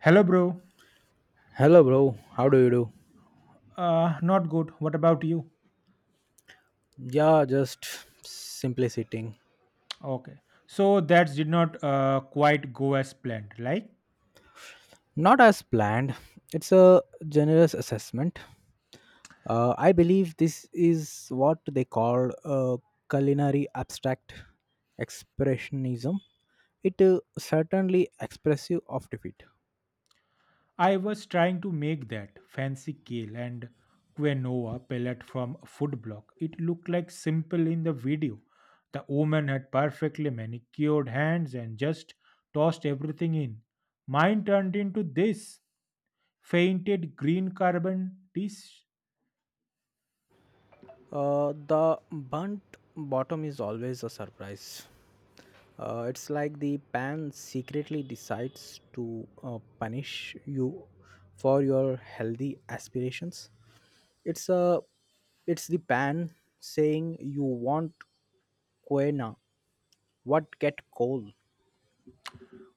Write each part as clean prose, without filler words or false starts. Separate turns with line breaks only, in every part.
Hello, bro.
Hello, bro. How do you do?
Not good. What about you?
Yeah, just simply sitting.
Okay. So that did not quite go as planned. Like
Not as planned. It's a generous assessment. I believe this is what they call culinary abstract expressionism. It certainly expressive of defeat.
I was trying to make that fancy kale and quinoa pellet from a food block. It looked like simple in the video. The woman had perfectly manicured hands and just tossed everything in. Mine turned into this fainted green carbon dish.
The burnt bottom is always a surprise. It's like the pan secretly decides to punish you for your healthy aspirations. It's a, it's the pan saying you want quena, what get coal.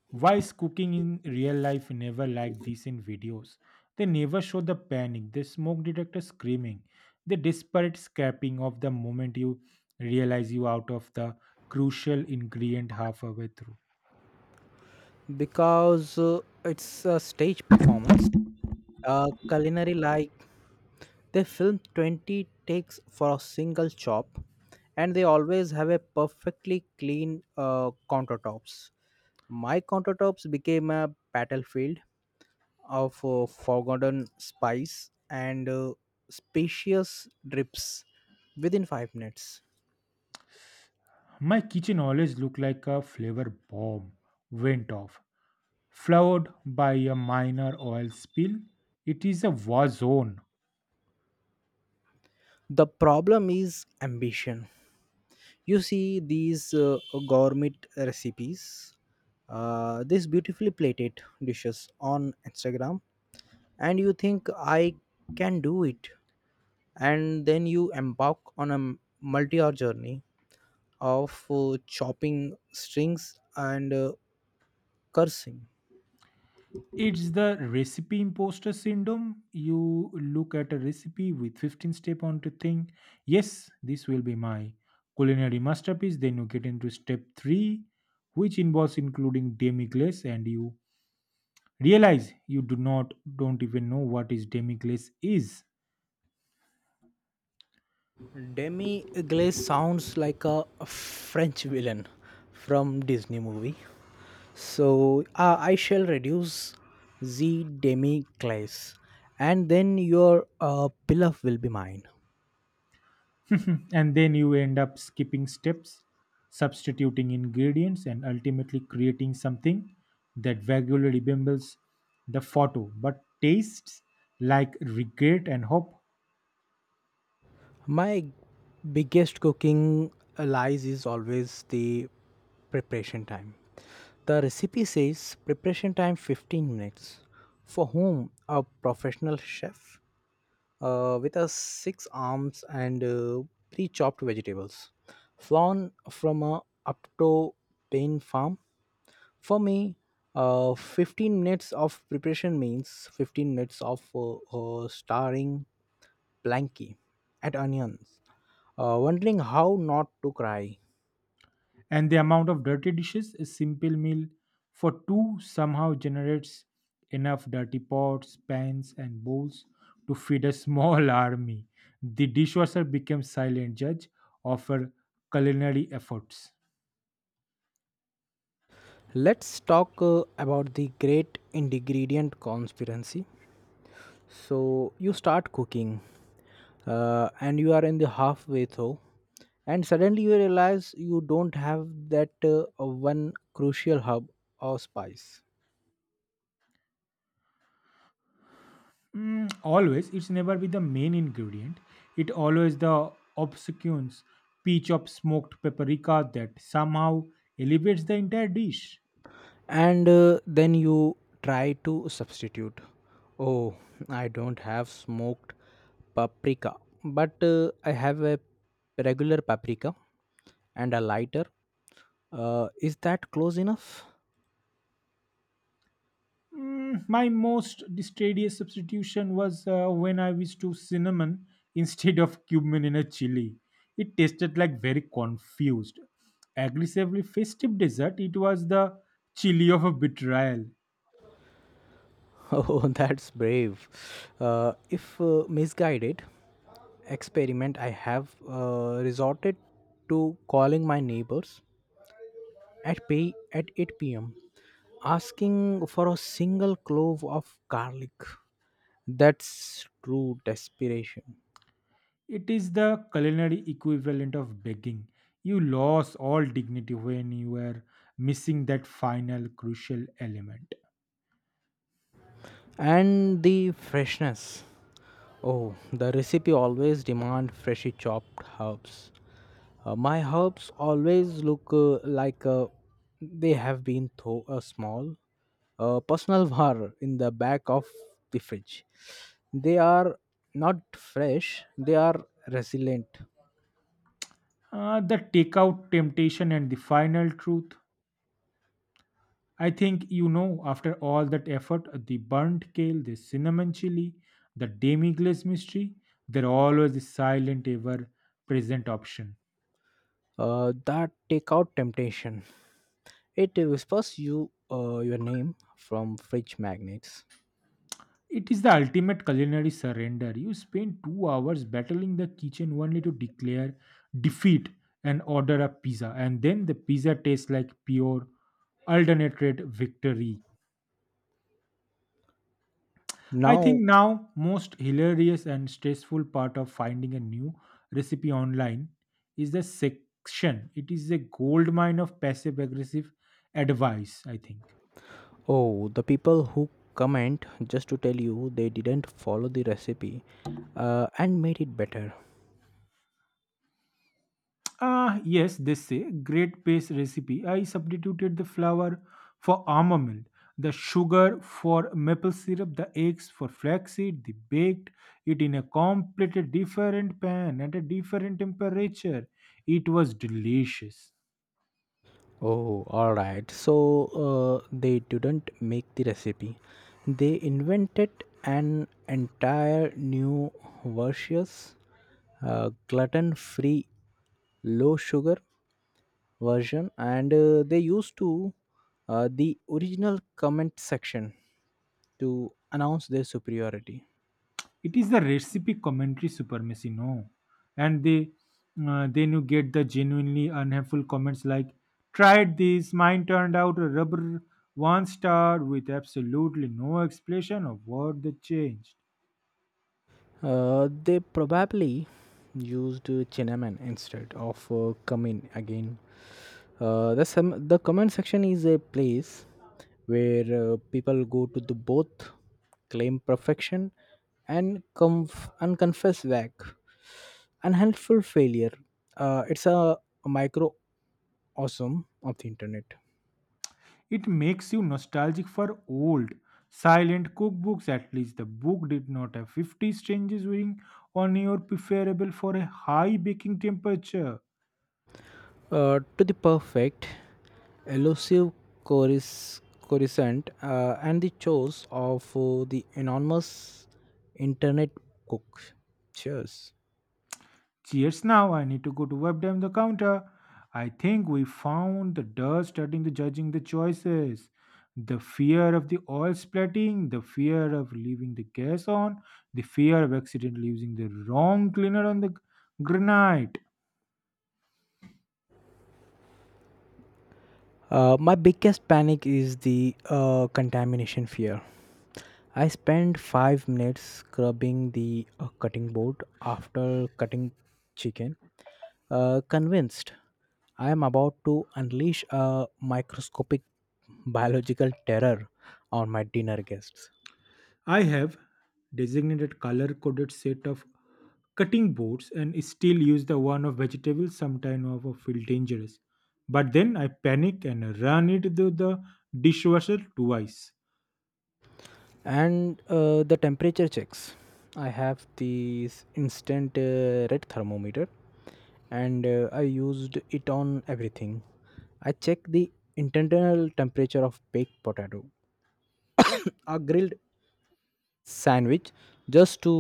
Why is cooking in real life never like this in videos? They never show the panic, the smoke detector screaming, the desperate scrapping of the moment you realize you out of the crucial ingredient halfway through.
Because it's a stage performance. Culinary like they film 20 takes for a single chop, and they always have a perfectly clean countertops. My countertops became a battlefield of forgotten spice and spacious drips within 5 minutes.
My kitchen always looked like a flavor bomb went off, followed by a minor oil spill. It is a war zone.
The problem is ambition. You see these gourmet recipes, these beautifully plated dishes on Instagram, and you think I can do it, and then you embark on a multi-hour journey of chopping strings and cursing.
It's the recipe imposter syndrome. You look at a recipe with 15 step on to think, yes, this will be my culinary masterpiece. Then you get into step three, which involves including demi glace, and you realize you do not don't even know what is demi glace is.
Demi Glaze sounds like a French villain from Disney movie. So, I shall reduce the Demi Glaze, and then your pilaf will be mine.
And then you end up skipping steps, substituting ingredients, and ultimately creating something that vaguely resembles the photo but tastes like regret and hope.
My biggest cooking lies is always the preparation time. The recipe says preparation time 15 minutes. For whom? A professional chef? With a six arms and pre-chopped vegetables, flown from a Apto Pain farm. For me, 15 minutes of preparation means 15 minutes of staring blankly at onions, wondering how not to cry.
And the amount of dirty dishes a simple meal for two somehow generates enough dirty pots, pans, and bowls to feed a small army. The dishwasher becomes silent judge of our culinary efforts.
Let's talk about the great ingredient conspiracy. So you start cooking, and you are in the halfway through, and suddenly you realize you don't have that one crucial hub or spice.
Mm, always, it's never be the main ingredient. It always the obscures peach of smoked paprika that somehow elevates the entire dish.
And then you try to substitute. Oh, I don't have smoked paprika, but I have a regular paprika and a lighter. Is that close enough?
Mm, my most distradious substitution was when I used to cinnamon instead of cumin in a chili. It tasted like very confused, aggressively festive dessert. It was the chili of a betrayal.
Oh, that's brave, if misguided experiment. I have resorted to calling my neighbors at pay at 8 p.m. asking for a single clove of garlic. That's true desperation.
It is the culinary equivalent of begging. You lost all dignity when you were missing that final crucial element.
And the freshness. Oh, the recipe always demand freshly chopped herbs. My herbs always look like they have been through a small personal war in the back of the fridge. They are not fresh, they are resilient.
The takeout temptation and the final truth. I think you know, after all that effort, the burnt kale, the cinnamon chili, the demi glace mystery, they're always the silent, ever present option.
That takeout temptation. It whispers you your name from fridge magnets.
It is the ultimate culinary surrender. You spend 2 hours battling the kitchen only to declare defeat and order a pizza, and then the pizza tastes like pure, alternate victory. I think
Now,
now most hilarious and stressful part of finding a new recipe online is the section. It is a gold mine of passive aggressive advice, I think.
oh, the people who comment just to tell you they didn't follow the recipe and made it better.
Ah, yes, they say. Great paste recipe. I substituted the flour for almond milk, the sugar for maple syrup, the eggs for flaxseed. They baked it in a completely different pan at a different temperature. It was delicious.
Oh, all right. So they didn't make the recipe. They invented an entire new versus, gluten-free, low-sugar version, and they used to the original comment section to announce their superiority.
It is the recipe commentary supremacy no and they then you get the genuinely unhelpful comments like tried this mine turned out a rubber one star with absolutely no explanation of what they changed.
They probably used cinnamon instead of cumin again. The comment section is a place where people go to the both claim perfection and and confess back unhelpful failure. It's a microcosm of the internet.
It makes you nostalgic for old silent cookbooks at least the book did not have 50 strangers waiting on your preferable for a high baking temperature.
To the perfect, elusive chorus coruscant, and the chores of the anonymous internet cook. Cheers.
Cheers now. I need to go to web them the counter. I think we found the dust starting to judging the choices. The fear of the oil splitting, the fear of leaving the gas on, the fear of accidentally using the wrong cleaner on the granite.
My biggest panic is the contamination fear. I spent 5 minutes scrubbing the cutting board after cutting chicken, convinced I am about to unleash a microscopic biological terror on my dinner guests.
I have designated color coded set of cutting boards and still use the one of vegetables sometime of feel dangerous. But then I panic and run it through the dishwasher twice.
And the temperature checks. I have this instant red thermometer, and I used it on everything. I check the internal temperature of baked potato, a grilled sandwich, just to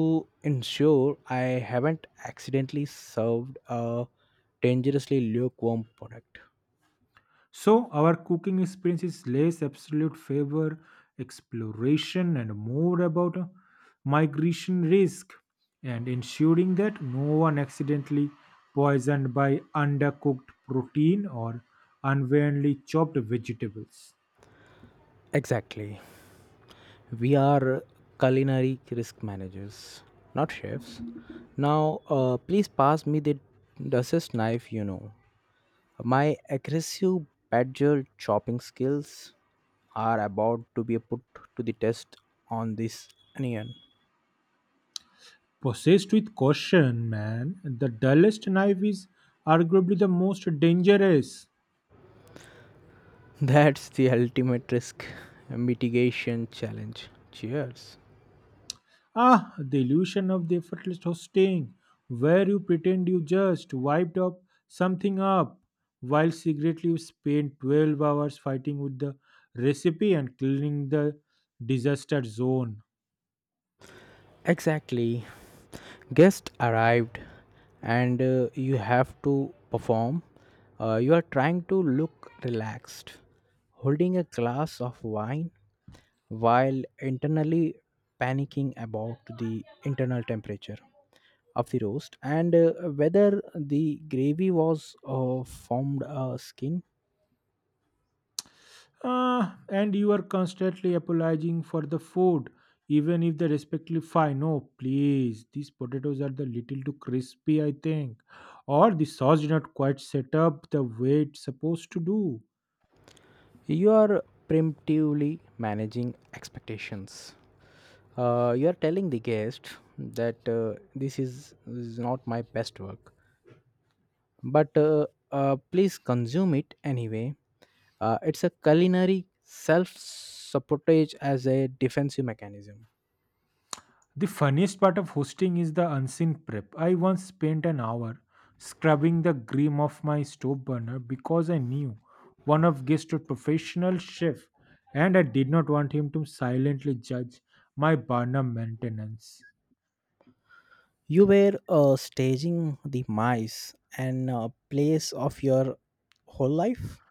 ensure I haven't accidentally served a dangerously lukewarm product.
So our cooking experience is less absolute favor, exploration, and more about a migration risk and ensuring that no one accidentally poisoned by undercooked protein or unwarily chopped vegetables.
Exactly. We are culinary risk managers, not chefs. Now, please pass me the Duchess knife. My aggressive badger chopping skills are about to be put to the test on this onion.
Possessed with caution, man, the dullest knife is arguably the most dangerous.
That's the ultimate risk mitigation challenge. Cheers.
Ah, the illusion of the effortless hosting, where you pretend you just wiped up something up, while secretly you spend 12 hours fighting with the recipe and cleaning the disaster zone.
Exactly. Guest arrived, and you have to perform. You are trying to look relaxed holding a glass of wine while internally panicking about the internal temperature of the roast, and whether the gravy was formed a skin.
Ah, and you are constantly apologizing for the food, even if they respectively fine. No, please, these potatoes are the little too crispy, I think, or the sauce did not quite set up the way it's supposed to do.
You are preemptively managing expectations. You are telling the guest that this is not my best work, but please consume it anyway. It's a culinary self sabotage as a defensive mechanism.
The funniest part of hosting is the unseen prep. I once spent an hour scrubbing the grime off my stove burner because I knew one of guests was a professional chef and I did not want him to silently judge my burner maintenance.
You were staging the mice and place of your whole life.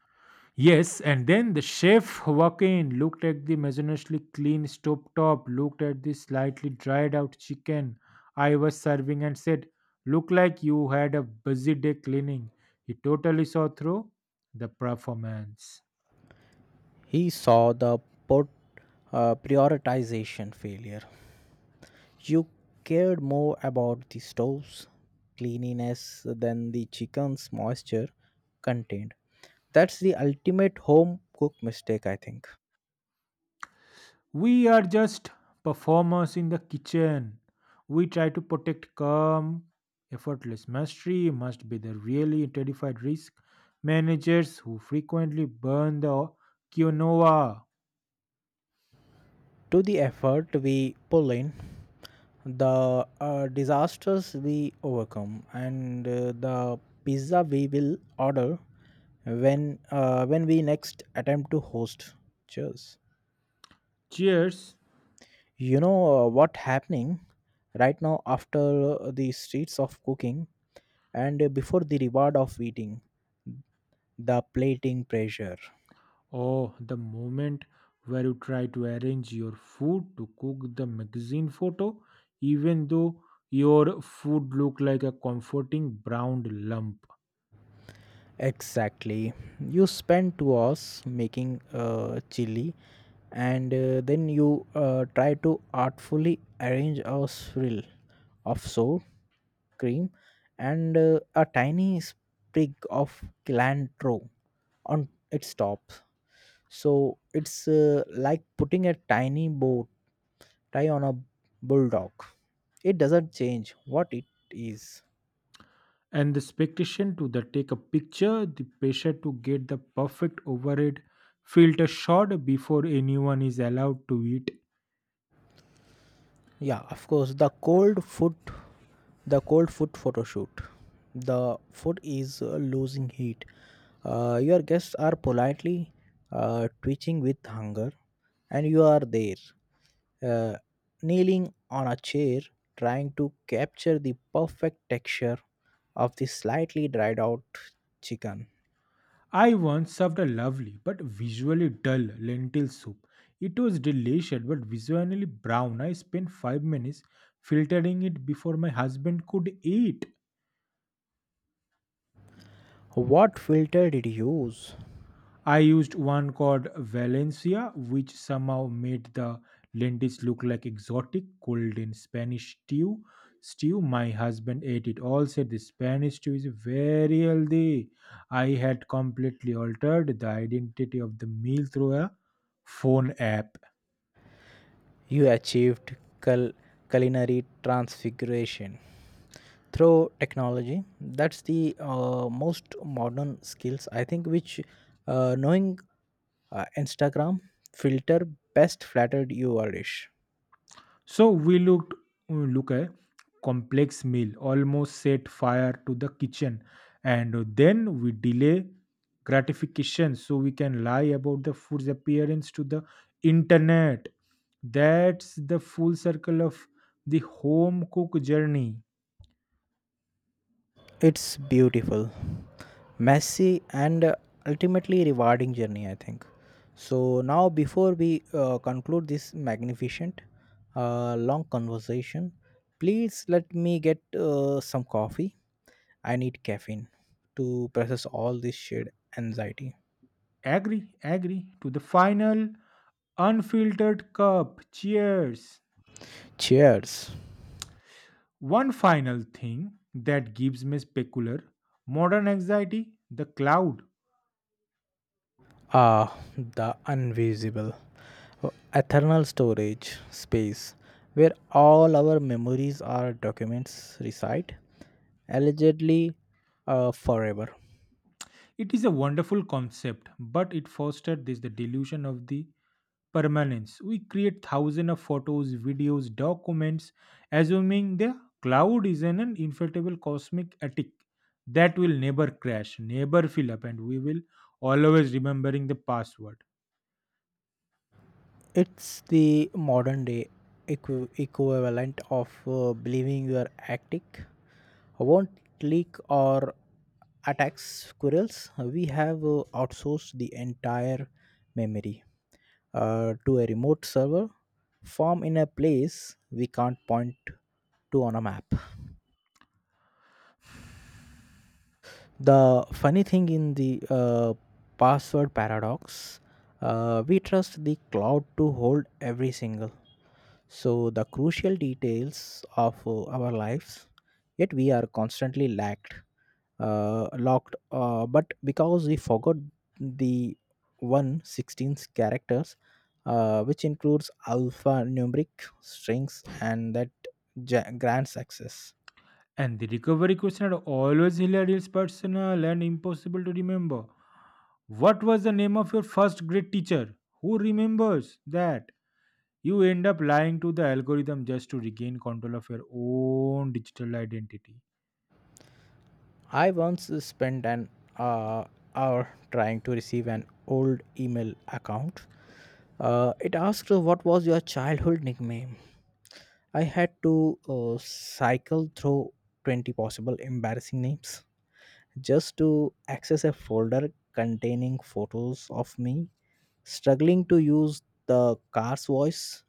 Yes, and then the chef walked in, looked at the meticulously clean stove top, looked at the slightly dried out chicken I was serving, and said, "Look like you had a busy day cleaning." He totally saw through the performance.
He saw the pot, prioritization failure. You cared more about the stove's cleanliness than the chicken's moisture contained. That's the ultimate home cook mistake, I think.
We are just performers in the kitchen. We try to protect calm, effortless mastery, must be the really terrified risk managers who frequently burn the quinoa.
To the effort we pull in, the disasters we overcome, and the pizza we will order when when we next attempt to host. Cheers.
Cheers.
You know what happening right now after the streets of cooking and before the reward of eating, the plating pressure.
Oh, the moment where you try to arrange your food to cook the magazine photo, even though your food look like a comforting brown lump.
Exactly. You spend 2 hours making chili and then you try to artfully arrange a swirl of sour cream and a tiny sprig of cilantro on its top. So it's like putting a tiny bow tie on a bulldog. It doesn't change what it is.
And the expectation to the take a picture, the pressure to get the perfect overhead filter shot before anyone is allowed to eat.
Yeah, of course. The cold foot photo shoot. The foot is losing heat. Your guests are politely twitching with hunger, and you are there, uh, kneeling on a chair, trying to capture the perfect texture of the slightly dried out chicken.
I once served a lovely but visually dull lentil soup. It was delicious but visually brown. I spent 5 minutes filtering it before my husband could eat.
What filter did you use?
I used one called Valencia, which somehow made the lentils look like exotic golden Spanish stew. Stew, my husband ate it all, said the Spanish stew is very healthy. I had completely altered the identity of the meal through a phone app.
You achieved cul- culinary transfiguration through technology. That's the most modern skills, I think, which knowing Instagram filter best flattered your dish.
So we looked look a complex meal, almost set fire to the kitchen, and then we delay gratification so we can lie about the food's appearance to the internet. That's the full circle of the home cook journey.
It's beautiful, messy, and ultimately rewarding journey, I think. So now before we conclude this magnificent, long conversation, please let me get some coffee. I need caffeine to process all this shared anxiety.
Agree, agree to the final unfiltered cup. Cheers.
Cheers.
One final thing that gives me specular modern anxiety the cloud.
Ah, the invisible, eternal storage space where all our memories or documents reside, allegedly forever.
It is a wonderful concept, but it fostered this the delusion of the permanence. We create thousands of photos, videos, documents, assuming the cloud is in an inflatable cosmic attic that will never crash, never fill up, and we will always remembering the password.
It's the modern day equivalent of believing your attic won't leak or attack squirrels. We have outsourced the entire memory to a remote server farm in a place we can't point to on a map. The funny thing in the password paradox, we trust the cloud to hold every single so the crucial details of our lives, yet we are constantly lacked locked but because we forgot the one 16 characters, which includes alphanumeric strings and that grants access.
And the recovery question are always hilarious, personal, and impossible to remember. What was the name of your first grade teacher? Who remembers that? You end up lying to the algorithm just to regain control of your own digital identity.
I once spent an uh, hour trying to receive an old email account. It asked what was your childhood nickname. I had to cycle through 20 possible embarrassing names just to access a folder containing photos of me struggling to use the car's voice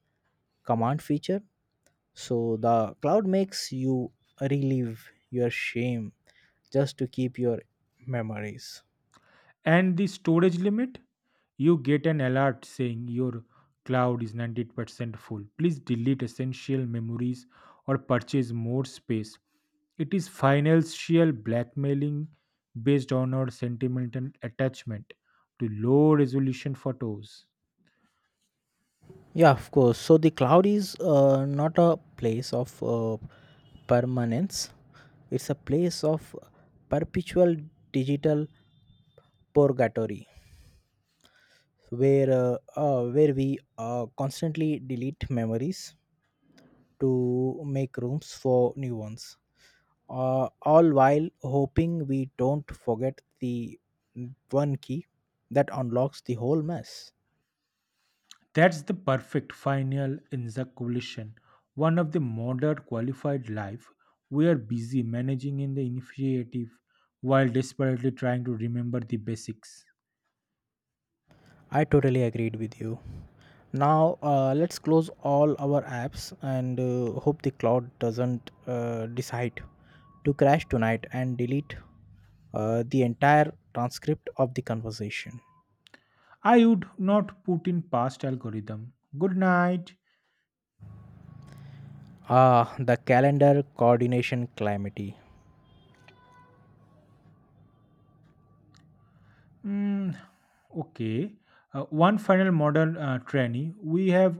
command feature. So the cloud makes you relive your shame just to keep your memories.
And the storage limit, you get an alert saying your cloud is 98% full. Please delete essential memories or purchase more space. It is financial blackmailing based on our sentimental attachment to low resolution photos.
Yeah, of course. So the cloud is not a place of permanence. It's a place of perpetual digital purgatory where we constantly delete memories to make rooms for new ones, all while hoping we don't forget the one key that unlocks the whole mess.
That's the perfect final encapsulation. One of the modern qualified life we are busy managing in the initiative while desperately trying to remember the basics.
I totally agreed with you. Now, let's close all our apps and hope the cloud doesn't decide to crash tonight and delete the entire transcript of the conversation.
I would not put in past algorithm. Good night.
Ah, the calendar coordination calamity.
Mm, okay. One final modern trainee we have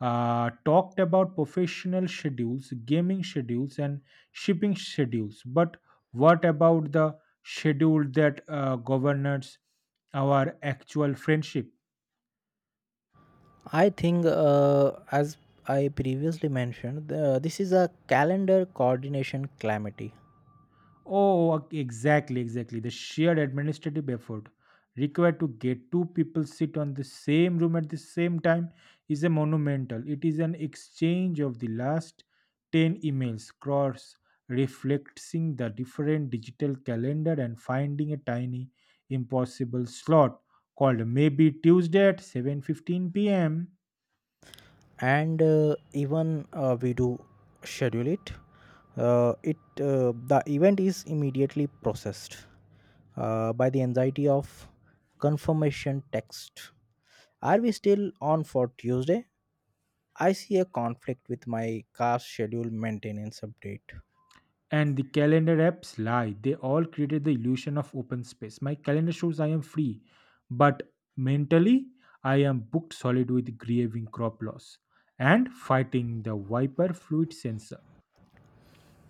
talked about professional schedules, gaming schedules, and shipping schedules. But what about the schedule that governs our actual friendship?
I think, as I previously mentioned, this is a calendar coordination calamity.
Oh, exactly, exactly. The sheer administrative effort required to get two people sit on the same room at the same time is a monumental. It is an exchange of the last 10 emails, cross reflecting the different digital calendar and finding a tiny impossible slot called maybe Tuesday at 7:15 p.m.
And even we do schedule it, the event is immediately processed by the anxiety of confirmation text. Are we still on for Tuesday? I see a conflict with my car schedule maintenance update.
And the calendar apps lie. They all created the illusion of open space. My calendar shows I am free, but mentally I am booked solid with grieving crop loss and fighting the wiper fluid sensor.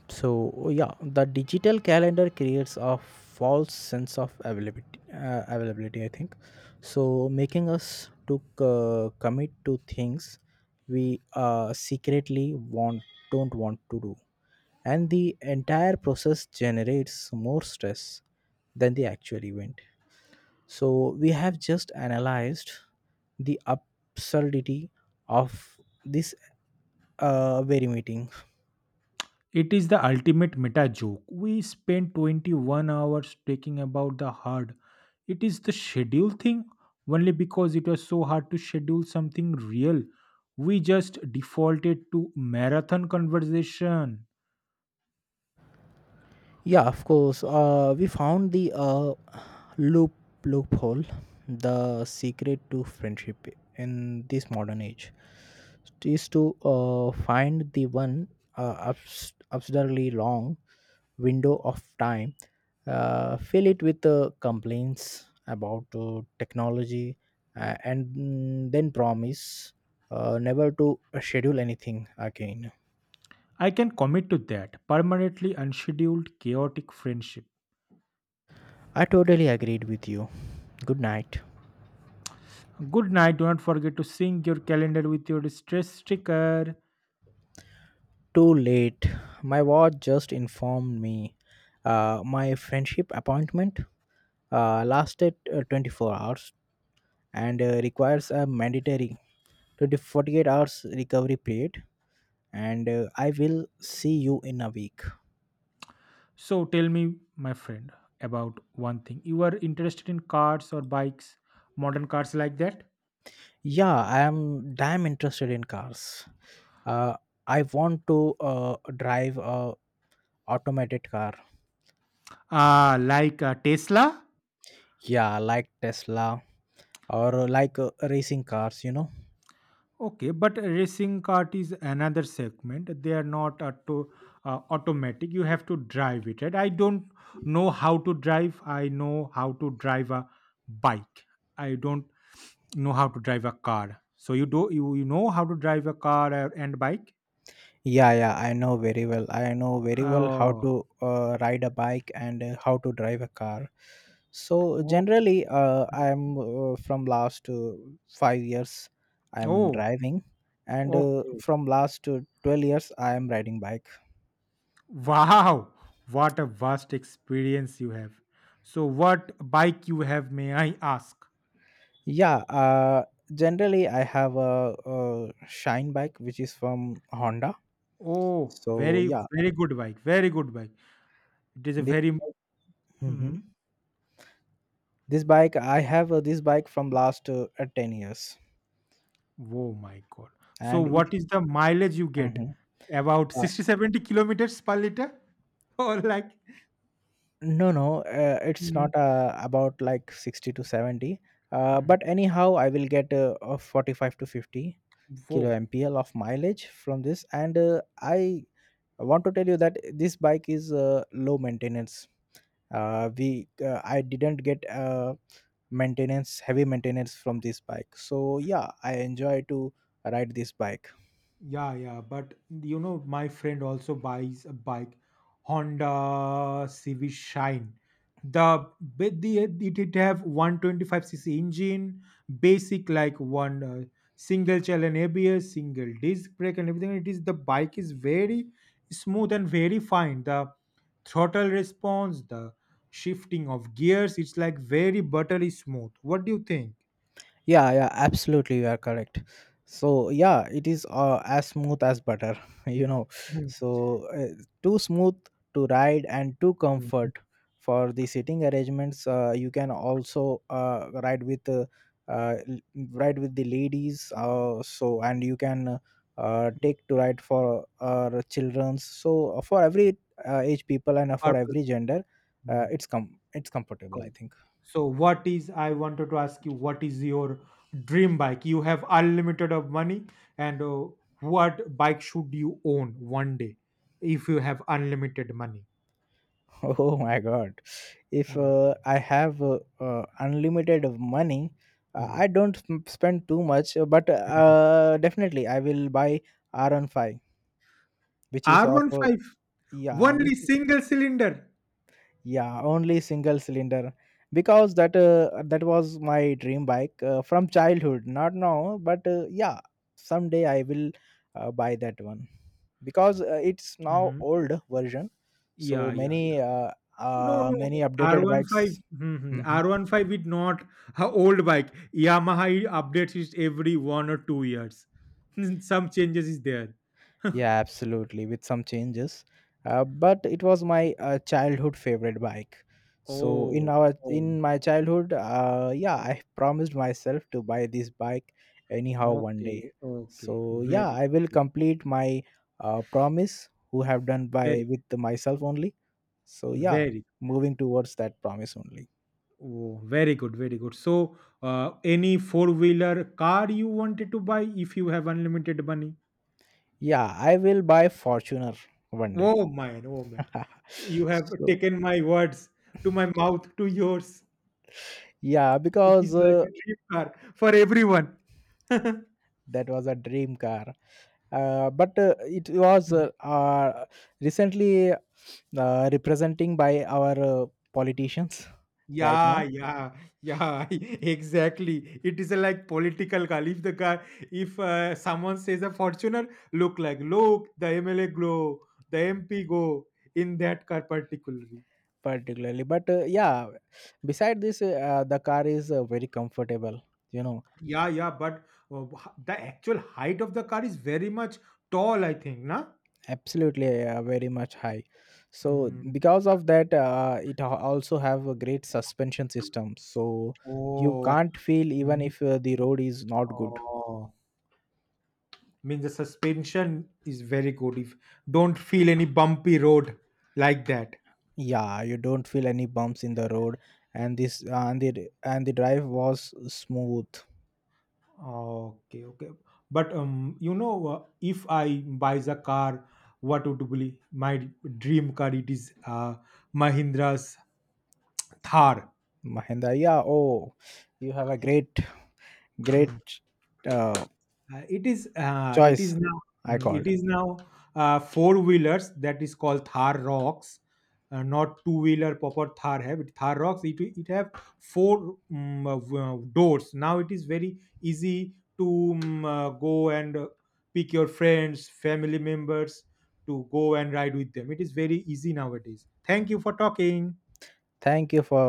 So yeah, the digital calendar creates a false sense of availability. Availability, I think. So making us to commit to things we secretly want don't want to do, and the entire process generates more stress than the actual event. So we have just analyzed the absurdity of this very meeting.
It is the ultimate meta joke. We spent 21 hours talking about the hard. It is the schedule thing only because it was so hard to schedule something real. We just defaulted to marathon conversation.
Yeah, of course. We found the loop loophole, the secret to friendship in this modern age. It is to find the one absurdly long window of time, fill it with complaints about technology, and then promise never to schedule anything again.
I can commit to that permanently unscheduled, chaotic friendship.
I totally agreed with you. Good night.
Good night. Do not forget to sync your calendar with your stress sticker.
Too late. My watch just informed me. My friendship appointment lasted 24 hours and requires a mandatory 20 48 hours recovery period. And I will see you in a week.
So tell me, my friend, about one thing. You are interested in cars or bikes, modern cars like that?
Yeah, I am damn interested in cars. Uh, I want to uh, drive a automated car.
Tesla?
Yeah, like Tesla or like racing cars.
Okay, but racing cart is another segment. They are not auto, automatic. You have to drive it, right? I don't know how to drive. I know how to drive a bike. I don't know how to drive a car. So you, you know how to drive a car and bike?
Yeah, yeah, I know very well. I know very well how
Oh,
to ride a bike and how to drive a car. So
oh,
generally, I'm from last 5 years, I'm
oh,
driving, and
okay.
from last 12 years, I am riding bike.
Wow, what a vast experience you have. So what bike you have, may I ask?
Yeah, generally I have a shine bike which is from Honda.
Oh,
So
very
yeah,
very good bike, very good bike. It is a
this.
very.
Mhm.
Hmm.
This bike I have this bike from last 10 years,
Oh my god. So
and it.
what is the mileage you get?
Mhm.
About 60-70 kilometers per liter or like.
No, no, it's
Mhm.
not about like 60 to 70. Uh,
Mhm.
but anyhow, I will get a 45 to 50 kilo
Whoa.
MPL of mileage from this. And I want to tell you that this bike is low maintenance. We I didn't get maintenance, heavy maintenance from this bike. So yeah, I enjoy to ride this bike.
Yeah, yeah, but you know, my friend also buys a bike, Honda Civic Shine. The but the it it have 125cc engine, basic like one single channel and ABS, single disc brake, and everything. It is the bike is very smooth and very fine. The throttle response, the shifting of gears, it's like very buttery smooth. What do you think?
Yeah, yeah, absolutely, you are correct. So yeah, it is as smooth as butter, you know.
Hmm.
So too smooth to ride and too
Mm, mm.
comfort for the sitting arrangements. You can also ride with uh, l- ride with the ladies. So and you can take to ride for childrens. So for every age people and for every
Purpose.
gender,
Hmm.
it's comfortable. I
Comfort.
think.
So what is I wanted to ask you what is your dream bike? You have unlimited of money and what bike should you own one day if you have unlimited money?
Oh my God. If
Mm.
I have unlimited of money,
Mm.
I don't spend too much, but
Mm.
definitely I will buy r on Five, which is of
R15
yeah,
only
which
single cylinder.
yeah only single cylinder because that that was my dream bike from childhood, not now, but yeah, someday I will buy that one because it's now
Mhm.
old version, so
Yeah, yeah, yeah.
many
No, no,
many updated
R15,
bikes.
mhm.
Mm-hmm.
R15 is not a old bike. Yamaha updates it every 1 or 2 years. Some changes is there.
Yeah, absolutely, with some changes. But it was my childhood favorite bike. So in
Oh,
our
oh.
in my childhood, yeah, I promised myself to buy this bike anyhow one day.
Okay, okay.
So yeah,
Very
I will
good.
complete my promise who have done by
Very,
with myself only. So yeah,
very, very,
moving towards that promise only.
oh, very good. Very good. So, any four wheeler car you wanted to buy if you have unlimited money?
Yeah, I will buy Fortuner one day.
Oh man, oh man. You have
So
taken my words to my mouth to yours.
yeah,
It
because
is like a dream car for everyone.
that was a dream car, but it was recently representing by our politicians right
Yeah,
now,
yeah, yeah, exactly. It is a like political call. If the car, if someone says a Fortuner, look like look the MLA glow, the MP go in that car particularly.
particularly, but yeah, beside this the car is very comfortable you know
Yeah, yeah, but the actual height of the car is very much tall. I think, na.
Absolutely very much high, so
Hmm.
because of that it also have a great suspension system, so you
Oh, I-
can't feel even
Mm.
if the road is not good.
Oh, means the suspension is very good. If don't feel any bumpy road like that.
Yeah, you don't feel any bumps in the road. And the drive was smooth.
Okay, okay. But you know, if I buys a car, what would be my dream car? It is Mahindra's Thar.
Mahinda, yeah. Oh, you have a great uh,
It
choice,
is now
I
mm, it
called.
is now four wheelers that is called Thar Rocks, not two wheeler proper Thar have it Thar Rocks. It have four mm, doors. Now it is very easy to mm, go and pick your friends, family members to go and ride with them. It is very easy nowadays. Thank you for talking.
Thank you for